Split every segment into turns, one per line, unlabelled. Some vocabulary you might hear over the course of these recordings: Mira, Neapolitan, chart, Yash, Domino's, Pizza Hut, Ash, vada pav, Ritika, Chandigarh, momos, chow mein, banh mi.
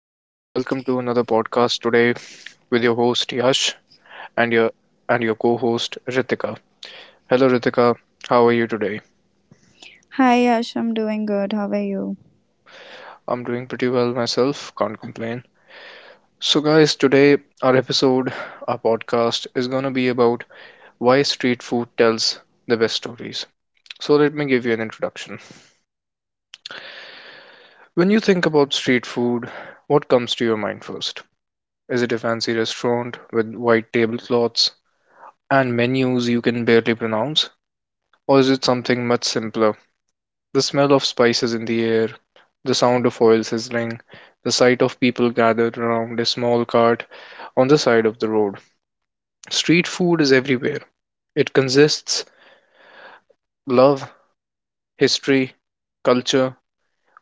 and welcome to another podcast today with your host Yash and your co-host Ritika. Hello, Ritika. How are you today?
Hi, Ash. I'm doing good. How are you?
I'm doing pretty well myself. Can't complain. So, guys, today our episode, our podcast is gonna be about why street food tells the best stories. So, let me give you an introduction. When you think about street food, what comes to your mind first? Is it a fancy restaurant with white tablecloths and menus you can barely pronounce? Or is it something much simpler? The smell of spices in the air, the sound of oil sizzling, the sight of people gathered around a small cart on the side of the road. Street food is everywhere. It consists love, history, culture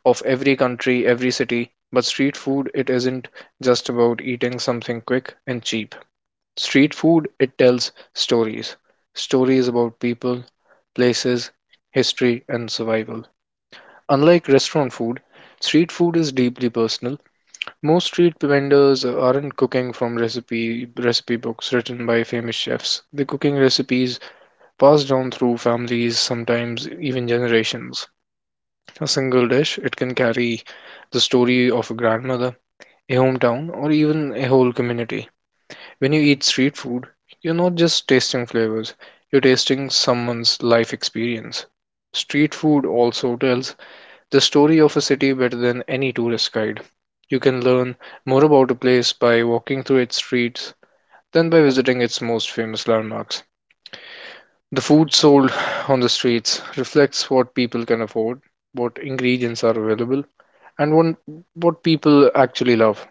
of every country, every city. But street food, it isn't just about eating something quick and cheap. Street food, it tells stories. Stories about people, places, history, and survival. Unlike restaurant food, street food is deeply personal. Most street vendors aren't cooking from recipe books written by famous chefs. They're cooking recipes passed down through families, sometimes even generations. A single dish, it can carry the story of a grandmother, a hometown, or even a whole community. When you eat street food, you're not just tasting flavors, you're tasting someone's life experience. Street food also tells the story of a city better than any tourist guide. You can learn more about a place by walking through its streets than by visiting its most famous landmarks. The food sold on the streets reflects what people can afford, what ingredients are available, and what people actually love.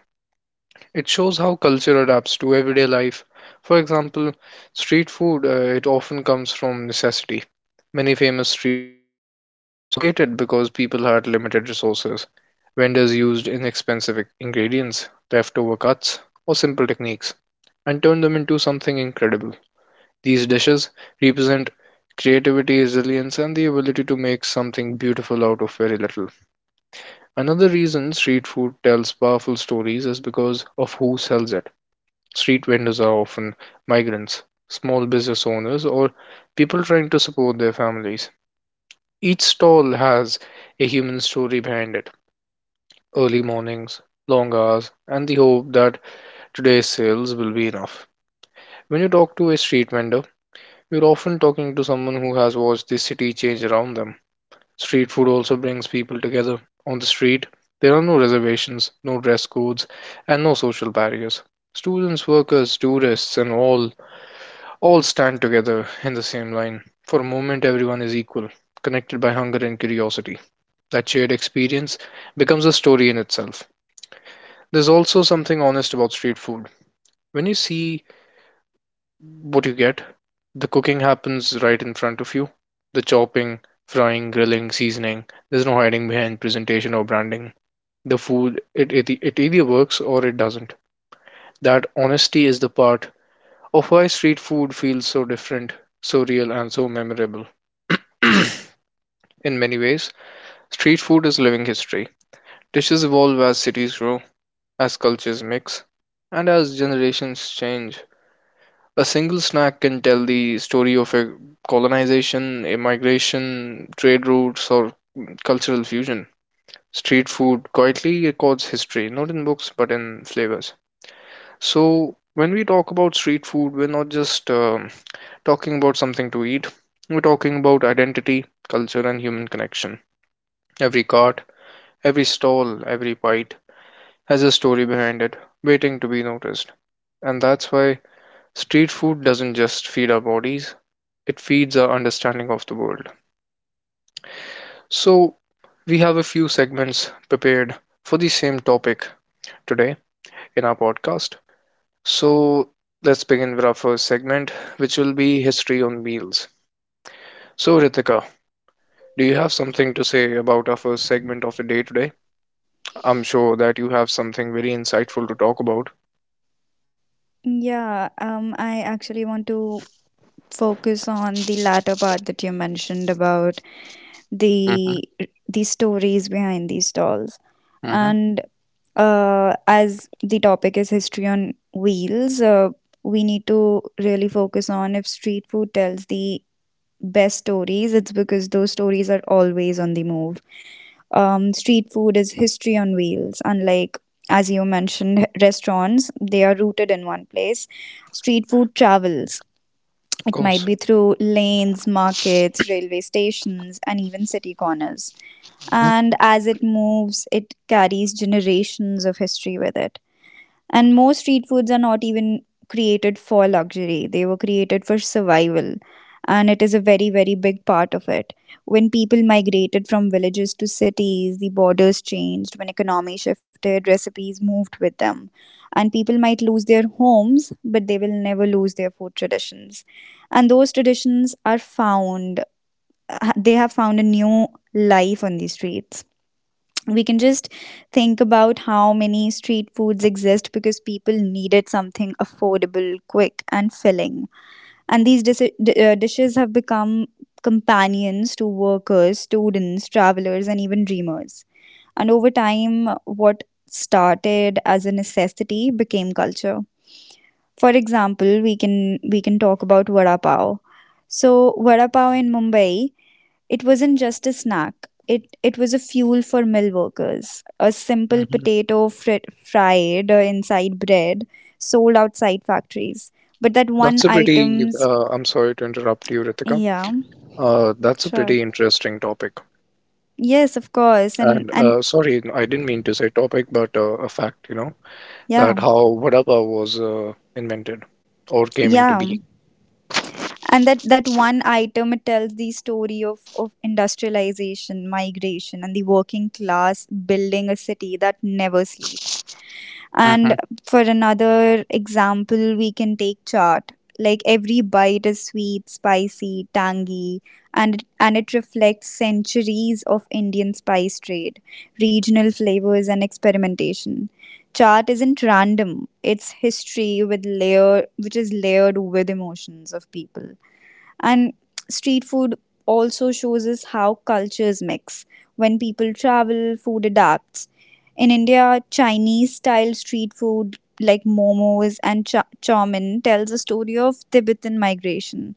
It shows how culture adapts to everyday life. For example, street food, it often comes from necessity. Many famous street foods were created because people had limited resources. Vendors used inexpensive ingredients, leftover cuts, or simple techniques, and turned them into something incredible. These dishes represent creativity, resilience, and the ability to make something beautiful out of very little. Another reason street food tells powerful stories is because of who sells it. Street vendors are often migrants, small business owners, or people trying to support their families. Each stall has a human story behind it: early mornings, long hours, and the hope that today's sales will be enough. When you talk to a street vendor, you're often talking to someone who has watched the city change around them. Street food also brings people together. On the street, there are no reservations, no dress codes, and no social barriers. Students, workers, tourists, and all stand together in the same line. For a moment, everyone is equal, connected by hunger and curiosity. That shared experience becomes a story in itself. There's also something honest about street food. When you see what you get, the cooking happens right in front of you. The chopping, frying, grilling, seasoning. There's no hiding behind presentation or branding. The food, it either works or it doesn't. That honesty is the part of why street food feels so different, so real, and so memorable. In many ways, street food is living history. Dishes evolve as cities grow, as cultures mix, and as generations change. A single snack can tell the story of a colonization, immigration, trade routes, or cultural fusion. Street food quietly records history, not in books but in flavors. So, when we talk about street food, we're not just talking about something to eat, we're talking about identity, culture, and human connection. Every cart, every stall, every bite has a story behind it, waiting to be noticed. And that's why street food doesn't just feed our bodies, it feeds our understanding of the world. So, we have a few segments prepared for the same topic today in our podcast. So, let's begin with our first segment, which will be history on wheels. So, Ritika, do you have something to say about our first segment of the day today? I'm sure that you have something very insightful to talk about.
Yeah, I actually want to focus on the latter part that you mentioned about
Mm-hmm.
the the stories behind these stalls,
Mm-hmm. Of
and as the topic is history on wheels, we need to really focus on if street food tells the best stories. It's because those stories are always on the move. Street food is history on wheels. Unlike, as you mentioned, restaurants, they are rooted in one place. Street food travels. It might
course.
be through lanes, markets, railway stations, and even city corners. And as it moves, it carries generations of history with it. And most street foods are not even created for luxury, they were created for survival. And it is a very, very big part of it. When people migrated from villages to cities, the borders changed. When economy shifted, recipes moved with them. And people might lose their homes, but they will never lose their food traditions. And those traditions are found, they have found a new life on the streets. We can just think about how many street foods exist because people needed something affordable, quick, and filling. And these dishes have become companions to workers, students, travelers, and even dreamers. And over time, what started as a necessity became culture. For example, we can talk about vada pav. So vada pav in Mumbai, it wasn't just a snack. It was a fuel for mill workers. A simple
Mm-hmm.
potato fried inside bread, sold outside factories. But that one
That's a pretty,
items,
I'm sorry to interrupt you, Ritika.
yeah,
That's a
sure.
pretty interesting topic.
Yes, of course.
And
And
sorry, I didn't mean to say topic, but a fact, you know,
yeah.
that how vada was invented or came into
Yeah.
being.
And that one item, it tells the story of industrialization, migration and the working class building a city that never sleeps.
Hmm.
And for another example, we can take chart. Like every bite is sweet, spicy, tangy, and it reflects centuries of Indian spice trade, regional flavors and experimentation. Chart isn't random; it's history with layer, which is layered with emotions of people. And street food also shows us how cultures mix. When people travel, food adapts. In India, Chinese style street food like momos and chow mein tells a story of Tibetan migration.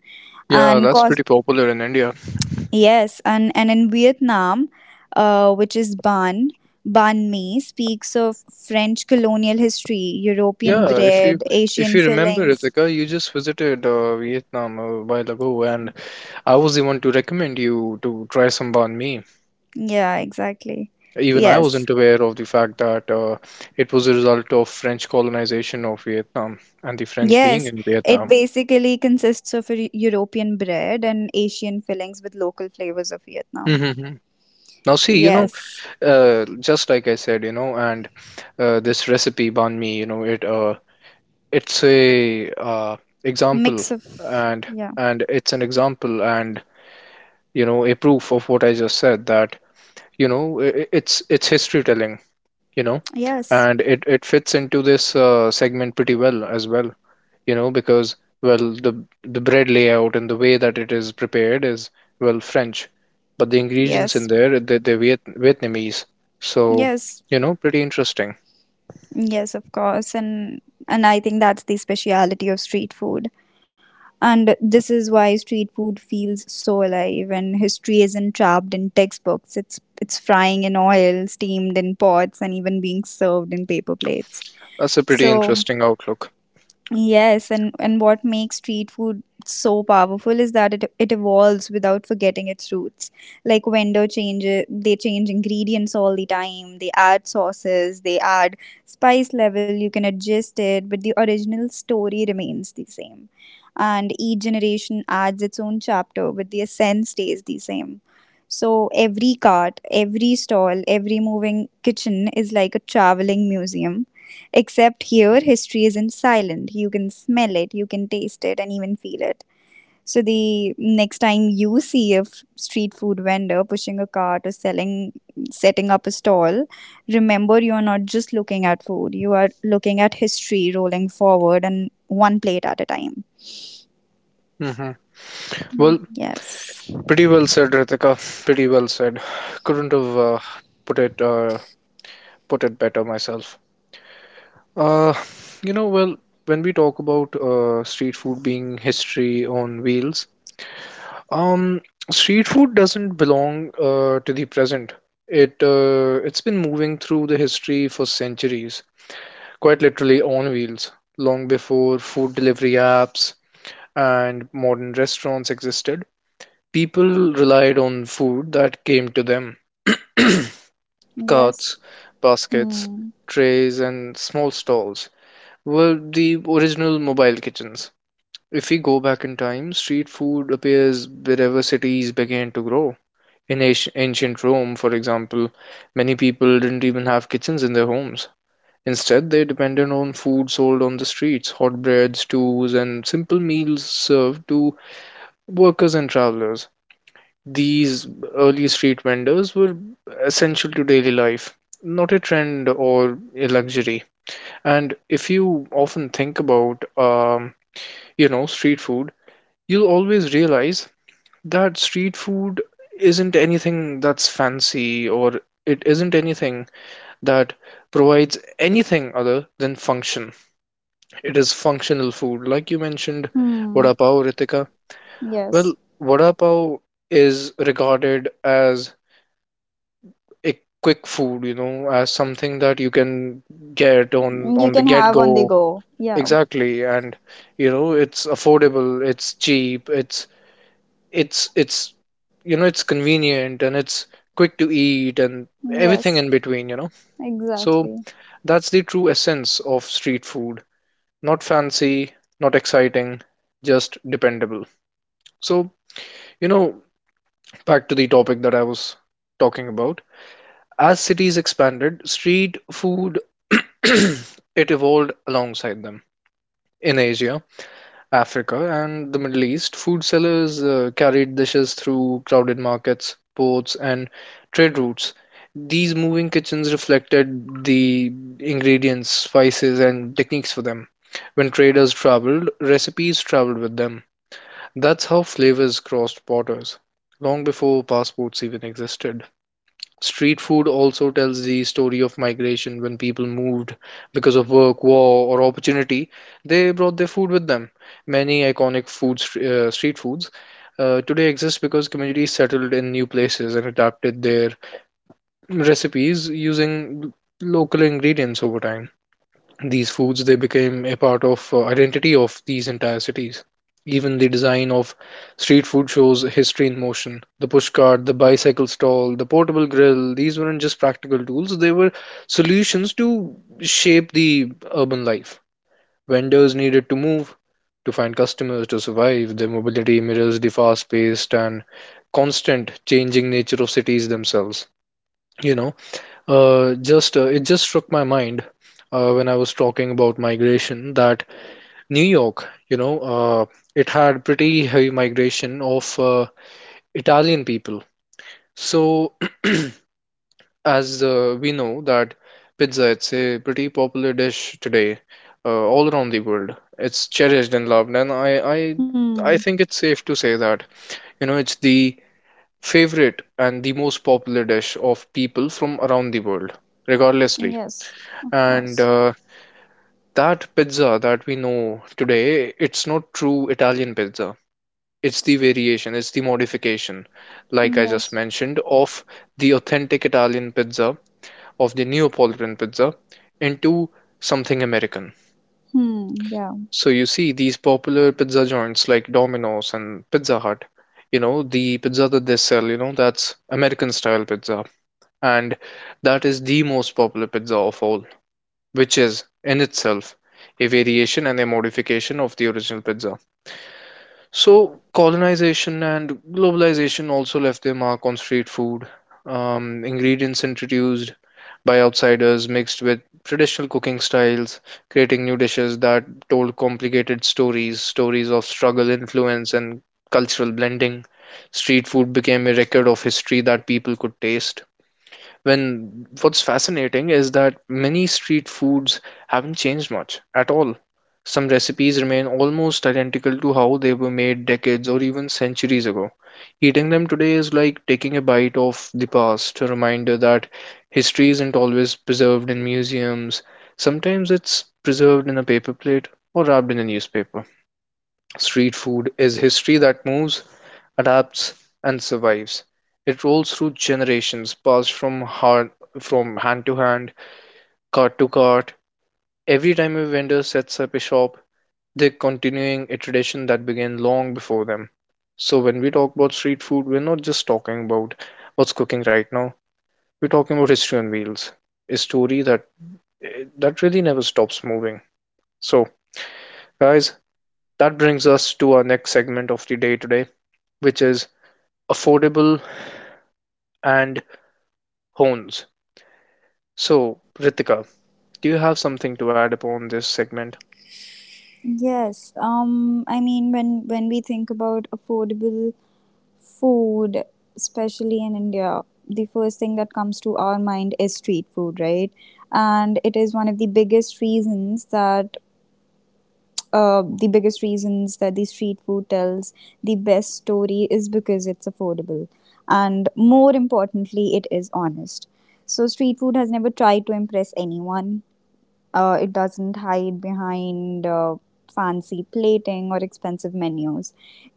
Yeah,
And
that's
cause
pretty popular in India.
yes, and in Vietnam, which is ban banh mi speaks of French colonial history, European
Yeah, if you
bread,
if
Asian
you remember,
fillings.
Ritika, you just visited Vietnam a while ago, and I was the one to recommend you to try some banh mi.
Yeah, exactly.
Even I
Yes.
wasn't aware of the fact that it was a result of French colonization of Vietnam and the French being
Yes,
in
it
Vietnam.
basically consists of a European bread and Asian fillings with local flavors of Vietnam.
Hmm. Now, see, you know,
Yes,
just like I said, you know, and this recipe banh mi, you know, it's a example,
mix of
and
yeah.
and it's an example, and you know, a proof of what I just said that you know it's history telling, you know,
Yes,
and it fits into this segment pretty well as well, you know, because well the bread layout and the way that it is prepared is well French, but the ingredients in
yes,
there they're Viet Vietnamese, so
yes,
you know, pretty interesting.
yes, of course, and I think that's the speciality of street food. And this is why street food feels so alive, and history isn't trapped in textbooks. It's frying in oil, steamed in pots, and even being served in paper plates.
That's a pretty
So
interesting outlook.
yes, and what makes street food so powerful is that it evolves without forgetting its roots. Like vendor changes, they change ingredients all the time. They add sauces, they add spice level. You can adjust it, but the original story remains the same. And each generation adds its own chapter, but the essence stays the same. So every cart, every stall, every moving kitchen is like a traveling museum. Except here, history is in silent. You can smell it, you can taste it, and even feel it. So, the next time you see a street food vendor pushing a cart or selling, setting up a stall, remember you are not just looking at food, you are looking at history rolling forward and one plate at a time.
Hmm. Well,
Yes.
pretty well said, Ritika. Pretty well said. Couldn't have put it uh, put it better myself. Uh, you know, well, when we talk about street food being history on wheels, um, street food doesn't belong to the present. It's been moving through the history for centuries, quite literally on wheels, long before food delivery apps and modern restaurants existed. People relied on food that came to them, carts,
Yes.
baskets,
Hmm.
trays, and small stalls were the original mobile kitchens. If we go back in time, street food appears wherever cities began to grow. In ancient Rome, for example, many people didn't even have kitchens in their homes. Instead, they depended on food sold on the streets, hot bread, stews, and simple meals served to workers and travelers. These early street vendors were essential to daily life, not a trend or a luxury. And if you often think about you know, street food, you'll always realize that street food isn't anything that's fancy, or it isn't anything that provides anything other than function. It is functional food. Like you mentioned,
Hmm.
vada pav, Ritika. Well,
Yes.
vada pav is regarded as a quick food, you know, as something that you can get on
You
on the
can have on the
get-go.
go. Yeah.
Exactly. And you know, it's affordable, it's cheap, it's you know it's convenient and it's quick to eat and
Yes.
everything in between, you know, so
Exactly.
that's the true essence of street food, not fancy, not exciting, just dependable. So, you know, back to the topic that I was talking about, as cities expanded, street food it evolved alongside them. In Asia, Africa and the Middle East, food sellers carried dishes through crowded markets, ports, and trade routes. These moving kitchens reflected the ingredients, spices, and techniques for them. When traders traveled, recipes traveled with them. That's how flavors crossed borders, long before passports even existed. Street food also tells the story of migration when people moved because of work, war, or opportunity. They brought their food with them. Many iconic food, street foods today exist because communities settled in new places and adapted their recipes using local ingredients over time. These foods they became a part of identity of these entire cities. Even the design of street food shows history in motion. The push cart, the bicycle stall, the portable grill, these weren't just practical tools, they were solutions to shape the urban life. Vendors needed to move to find customers to survive. Their mobility mirrors the fast-paced and constant changing nature of cities themselves. You know, just it just struck my mind when I was talking about migration that New York, you know, it had pretty heavy migration of Italian people. So, as we know that pizza, it's a pretty popular dish today all around the world. It's cherished and loved, and
Hmm.
I think it's safe to say that, you know, it's the favorite and the most popular dish of people from around the world, regardlessly.
Yes. Of
And
course.
that pizza that we know today, it's not true Italian pizza. It's the variation, it's the modification, like I just
Yes.
mentioned, of the authentic Italian pizza, of the Neapolitan pizza, into something American.
Hmm. Yeah.
So you see, these popular pizza joints like Domino's and Pizza Hut, you know, the pizza that they sell, you know, that's American style pizza. And that is the most popular pizza of all, which is in itself a variation and a modification of the original pizza. So, colonization and globalization also left their mark on street food. Ingredients introduced by outsiders mixed with traditional cooking styles, creating new dishes that told complicated stories, stories of struggle, influence, and cultural blending. Street food became a record of history that people could taste when what's fascinating is that many street foods haven't changed much at all. Some recipes remain almost identical to how they were made decades or even centuries ago. Eating them today is like taking a bite of the past, a reminder that history isn't always preserved in museums. Sometimes it's preserved in a paper plate or wrapped in a newspaper. Street food is history that moves, adapts, and survives. It rolls through generations, passed from hand to hand, cart to cart. Every time a vendor sets up a shop, they're continuing a tradition that began long before them. So when we talk about street food, we're not just talking about what's cooking right now. We're talking about history on wheels, a story that that really never stops moving. So, guys, that brings us to our next segment of the day today, which is affordable and hones. So, Ritika, do you have something to add upon this segment?
Yes. I mean, when we think about affordable food, especially in India, the first thing that comes to our mind is street food, right? And it is one of the biggest reasons that. The biggest reasons that the street food tells the best story is because it's affordable and more importantly it is honest. So street food has never tried to impress anyone. It doesn't hide behind fancy plating or expensive menus.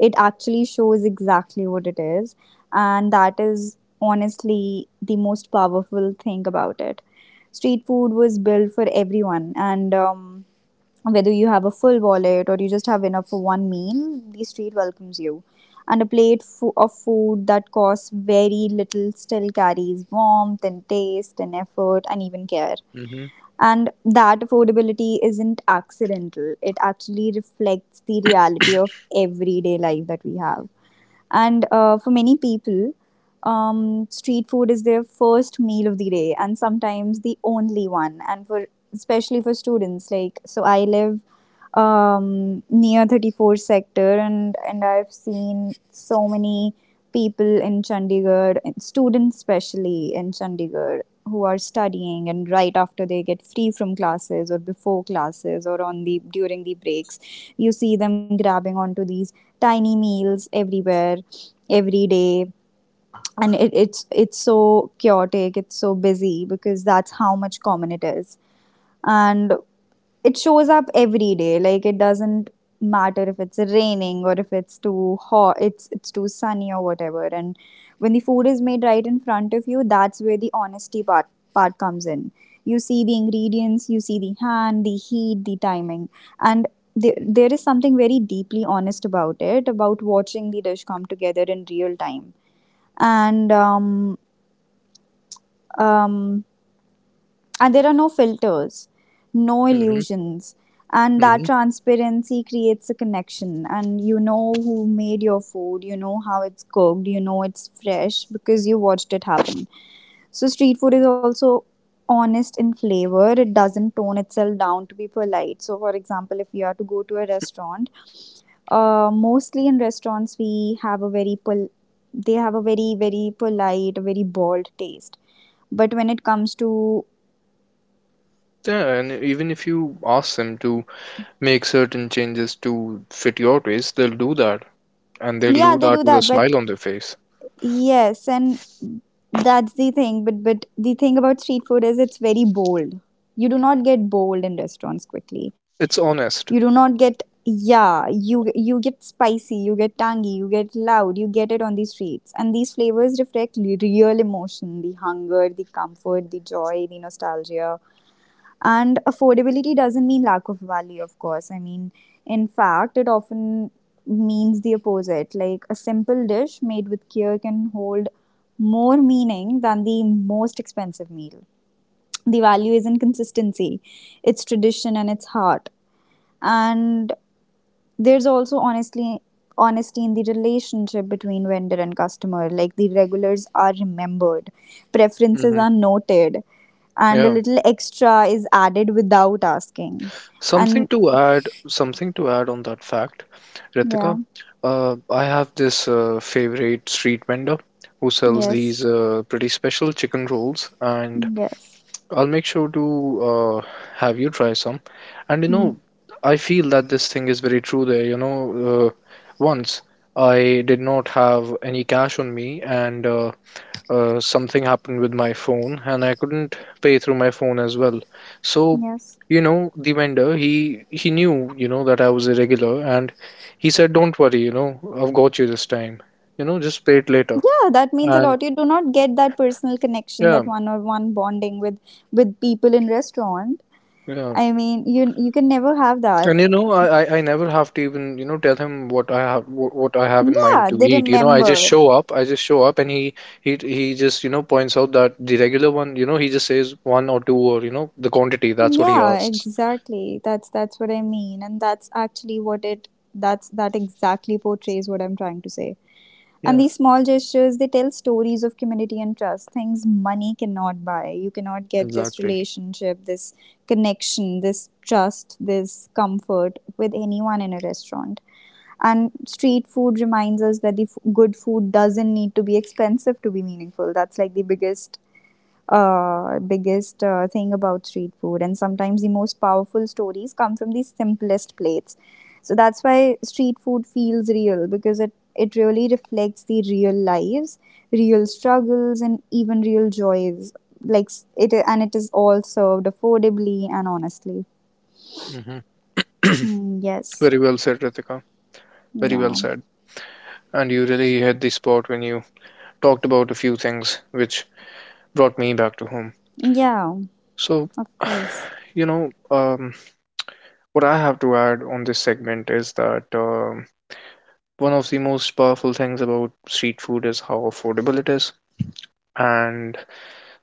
It actually shows exactly what it is, and that is honestly the most powerful thing about it. Street food was built for everyone, and whether you have a full wallet or you just have enough for one meal, the street welcomes you. And a plate of food that costs very little still carries warmth and taste and effort and even care.
Mm-hmm.
And that affordability isn't accidental, it actually reflects the reality of everyday life that we have. And for many people, street food is their first meal of the day and sometimes the only one. And for, especially for students, like, so I live near 34 sector, and I've seen so many people in Chandigarh, and students especially in Chandigarh, who are studying, and right after they get free from classes or before classes or on the during the breaks, you see them grabbing onto these tiny meals everywhere, every day. And it's so chaotic, it's so busy because that's how much common it is. And it shows up every day, like it doesn't matter if it's raining or if it's too hot, it's too sunny or whatever. And when the food is made right in front of you, that's where the honesty part comes in. You see the ingredients, you see the hand, the heat, the timing. And there is something very deeply honest about it, about watching the dish come together in real time. And um, um, and there are no filters, no
Mm-hmm.
illusions. And that
Mm-hmm.
transparency creates a connection, and you know who made your food, you know how it's cooked, you know it's fresh because you watched it happen. So street food is also honest in flavor, it doesn't tone itself down to be polite. So for example, if you are to go to a restaurant, mostly in restaurants we have a very they have a very polite, a very bold taste. But when it comes to,
Yeah, and even if you ask them to make certain changes to fit your taste, they'll do that, and they'll
yeah,
do
they
that
do
with a
that, but
smile on their face.
yes, and that's the thing. But the thing about street food is it's very bold. You do not get bold in restaurants quickly.
It's
You do
honest.
not get, yeah, you get spicy, you get tangy, you get loud, you get it on the streets, and these flavors reflect real emotion, the hunger, the comfort, the joy, the nostalgia. And affordability doesn't mean lack of value, of course. I mean, in fact, it often means the opposite. Like a simple dish made with care can hold more meaning than the most expensive meal. The value is in consistency, its tradition, and its heart. And there's also honestly honesty in the relationship between vendor and customer, like the regulars are remembered, preferences
Mm-hmm.
are noted, and a
Yeah.
little extra is added without asking.
Something
And
to add. Something to add on that fact,
yeah,
Ritika. I have this favorite street vendor who sells
yes,
these pretty special chicken rolls, and
yes.
I'll make sure to uh, have you try some. And
Hmm.
I feel that this thing is very true there. Once I did not have any cash on me, and something happened with my phone, and I couldn't pay through my phone as well. So,
Yes.
you know, the vendor, he knew, you know, that I was irregular, and he said, "Don't worry, you know, I've got you this time. You know, just pay it later."
Yeah, that means a
And
lot. You do not get that personal connection,
yeah,
that one on one bonding with people in restaurant.
yeah.
I mean you, you can never have that.
And you know, I never have to even, you know, tell him what I have in mind
Yeah,
to
they
eat. You know,
remember.
I just show up and he just, you know, points out that the regular one, you know, he just says one or two or, you know, the quantity. That's what he
Yeah,
asks.
exactly. That's what I mean, and that's actually what it, that exactly portrays what I'm trying to say. And
Yeah,
these small gestures, they tell stories of community and trust, things money cannot buy. You cannot get this
exactly.
relationship, this connection, this trust, this comfort with anyone in a restaurant. And street food reminds us that the good food doesn't need to be expensive to be meaningful. That's like the biggest thing about street food. And sometimes the most powerful stories come from the simplest plates. So that's why street food feels real because it really reflects the real lives, real struggles, and even real joys. Like and it is all served affordably and honestly.
Hmm.
Mm, yes.
Very well said, Ritika. Very well
Yeah.
said. And you really hit the spot when you talked about a few things which brought me back to home.
Yeah.
So,
Of course.
you know, um, what I have to add on this segment is that One of the most powerful things about street food is how affordable it is, and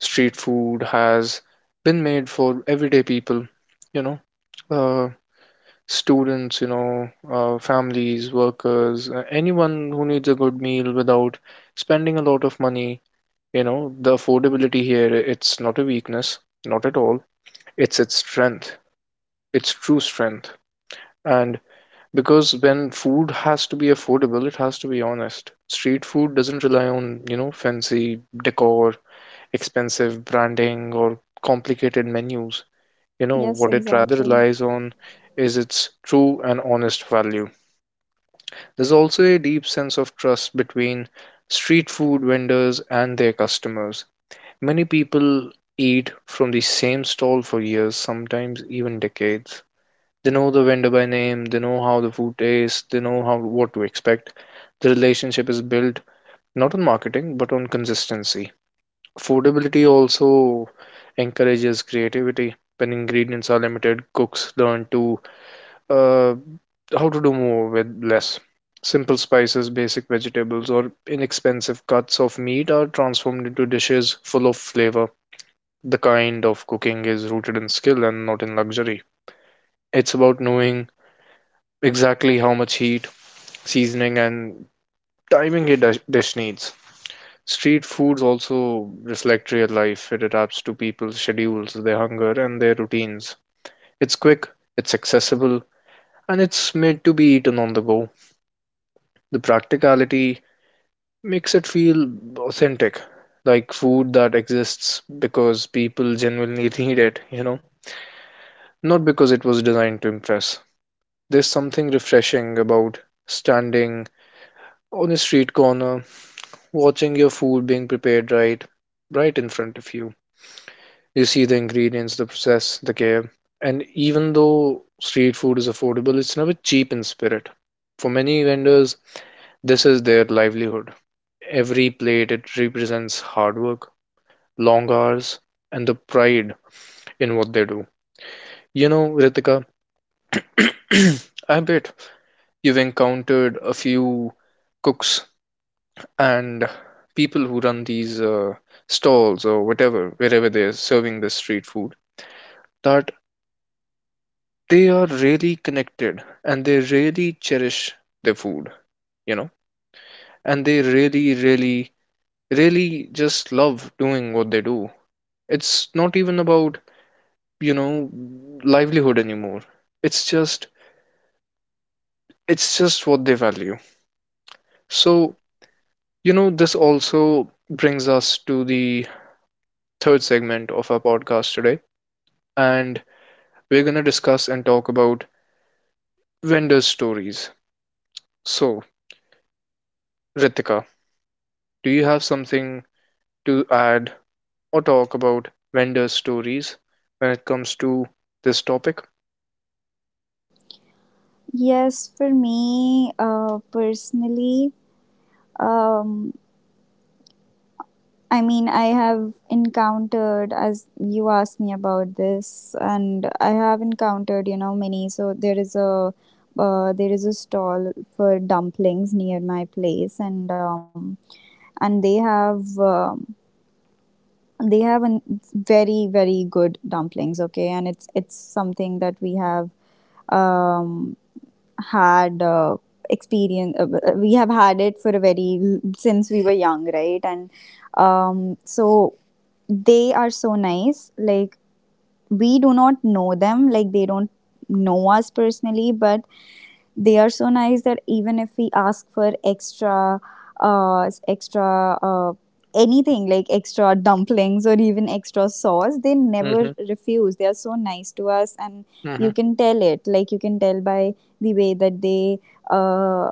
street food has been made for everyday people, you know, uh, students, families, workers, anyone who needs a good meal without spending a lot of money. You know, the affordability here, it's not a weakness, not at all. It's its strength, its true strength. And because when food has to be affordable it has to be honest, street food doesn't rely on, you know, fancy decor, expensive branding, or complicated menus. You know
Yes.
what it rather
Exactly.
relies on is its true and honest value. There's also a deep sense of trust between street food vendors and their customers. Many people eat from the same stall for years, sometimes even decades. They know the vendor by name, they know how the food tastes, they know how what to expect. The relationship is built not on marketing but on consistency. Affordability also encourages creativity. When ingredients are limited, cooks learn to uh, how to do more with less. Simple spices, basic vegetables, or inexpensive cuts of meat are transformed into dishes full of flavor. The kind of cooking is rooted in skill and not in luxury. It's about knowing exactly how much heat, seasoning, and timing a dish needs. Street foods also reflect real life. It adapts to people's schedules, their hunger, and their routines. It's quick, it's accessible, and it's made to be eaten on the go. The practicality makes it feel authentic, like food that exists because people genuinely need it, you know, not because it was designed to impress. There's something refreshing about standing on a street corner watching your food being prepared right in front of you. You see the ingredients, the process, the care. And even though street food is affordable, it's never cheap in spirit. For many vendors, this is their livelihood. Every plate, it represents hard work, long hours, and the pride in what they do. You know, Ritika, I bet you've encountered a few cooks and people who run these stalls or whatever wherever they're serving this street food, that they are really connected and they really cherish their food, you know. And they really just love doing what they do. It's not even about, you know, livelihood anymore. it's just it's just what they value. So, you know, this also brings us to the third segment of our podcast today. And we're going to discuss and talk about vendor stories. So, Ritika, do you have something to add or talk about vendor stories when it comes to this topic?
Yes. For me, personally, um, I mean, I have encountered, as you asked me about this, and I have encountered, you know, many. So there is a stall for dumplings near my place, and and they have an very very good dumplings. Okay, and it's something that we have um had experience we have had it for a very since we were young, right? And so they are so nice, like we do not know them, like they don't know us personally, but they are so nice that even if we ask for extra uh extra uh anything, like extra dumplings or even extra sauce, they never
Mm-hmm,
refuse, they are so nice to us. And you
mm-hmm,
can tell it, like you can tell by the way that uh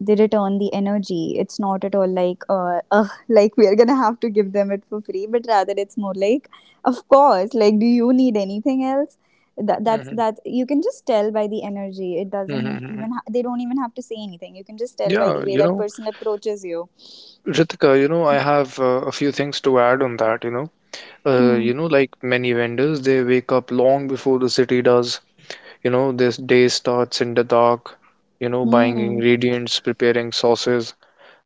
they return the energy. It's not at all like, like we are gonna have to give them it for free, but rather it's more like, of course, like, do you need anything else?
mm-hmm,
That you can just tell by the energy. It doesn't
mm-hmm.
even they don't even have to say anything. You can just tell by
Yeah,
the way
you
that
know,
person approaches you.
Ritika, you know, I have a few things to add on that, you know.
Hmm.
You know, like many vendors, they wake up long before the city does. You know, this day starts in the dark, you know, buying
Hmm.
ingredients, preparing sauces,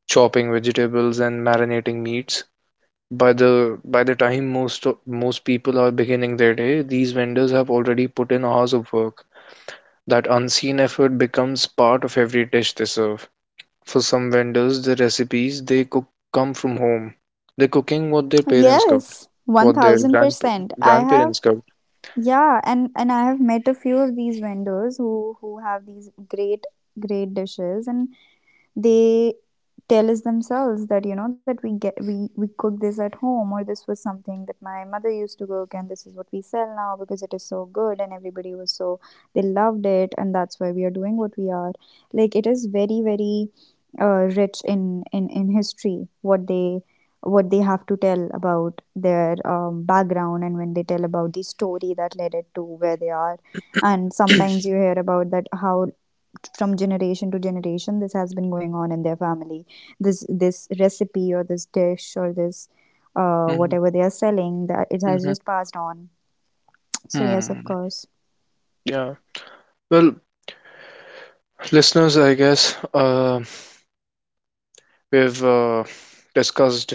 chopping vegetables and marinating meats. By the time most most people are beginning their day, these vendors have already put in hours of work. That unseen effort becomes part of every dish they serve. For some vendors, the recipes they cook come from home. They're cooking what their parents cooked,
Yes, one
what their
thousand percent. I have,
grandparents cooked.
yeah, and I have met a few of these vendors who have these great great dishes, and they tell us themselves that, you know, that we get we cook this at home, or this was something that my mother used to cook, and this is what we sell now because it is so good and everybody was so, they loved it, and that's why we are doing what we are, like it is very very rich in history, what they have to tell about their background, and when they tell about the story that led it to where they are. And sometimes you hear about that how from generation to generation this has been going on in their family, this recipe or this dish or this,
Hmm.
whatever they are selling, that it has
Hmm.
just passed on. So yes, of
Hmm.
course.
Yeah. Well, listeners, I guess we've discussed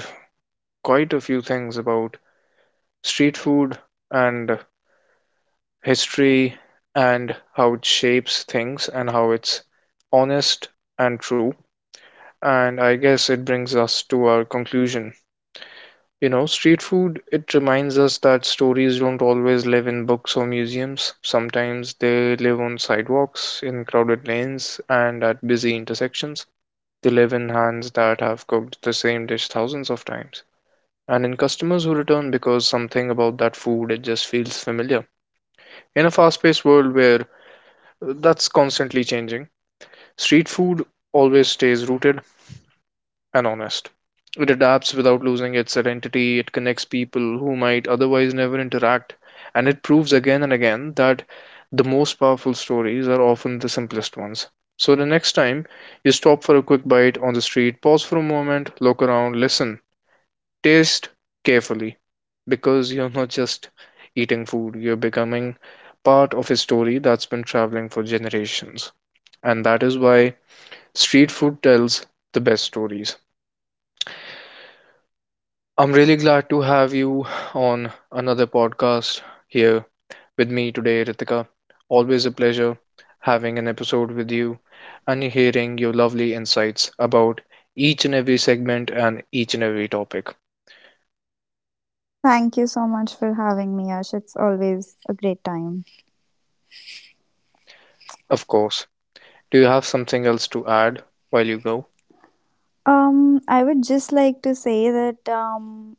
quite a few things about street food and history and how it shapes things and how it's honest and true. And I guess it brings us to our conclusion. You know, street food, it reminds us that stories don't always live in books or museums. Sometimes they live on sidewalks, in crowded lanes, and at busy intersections. They live in hands that have cooked the same dish thousands of times. And in customers who return because something about that food, it just feels familiar. In a fast paced world where that's constantly changing, street food always stays rooted and honest. It adapts without losing its identity, it connects people who might otherwise never interact, and it proves again and again that the most powerful stories are often the simplest ones. So, the next time you stop for a quick bite on the street, pause for a moment, look around, listen, taste carefully, because you're not just eating food, you're becoming part of a story that's been traveling for generations. And that is why street food tells the best stories. I'm really glad to have you on another podcast here with me today, Ritika. Always a pleasure having an episode with you and hearing your lovely insights about each and every segment and each and every topic.
Thank you so much for having me, Ash, it's always a great time.
Of course. Do you have something else to add while you go?
I would just like to say that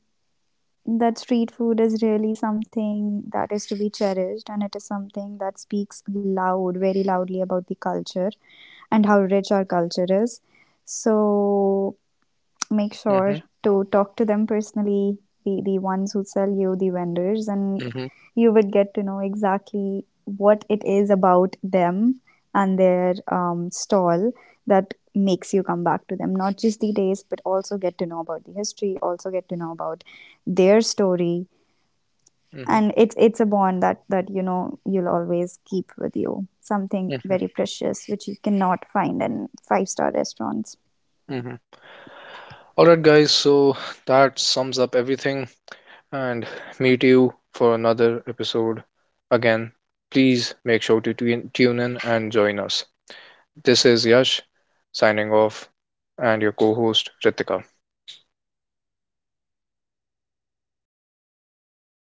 that street food is really something that is to be cherished, and it is something that speaks loud, very loudly about the culture and how rich our culture is. So make sure
Mm-hmm,
to talk to them personally, the ones who sell you, the vendors, and
mm-hmm,
you would get to know exactly what it is about them and their stall that makes you come back to them. Not just the taste, but also get to know about the history, also get to know about their story.
mm-hmm,
And it's a bond that, you know, you'll always keep with you. Something
mm-hmm,
very precious which you cannot find in five-star restaurants.
mm-hmm. All right, guys, so that sums up everything and meet you for another episode. Again, please make sure to tune in and join us. This is Yash signing off, and your co host Ritika.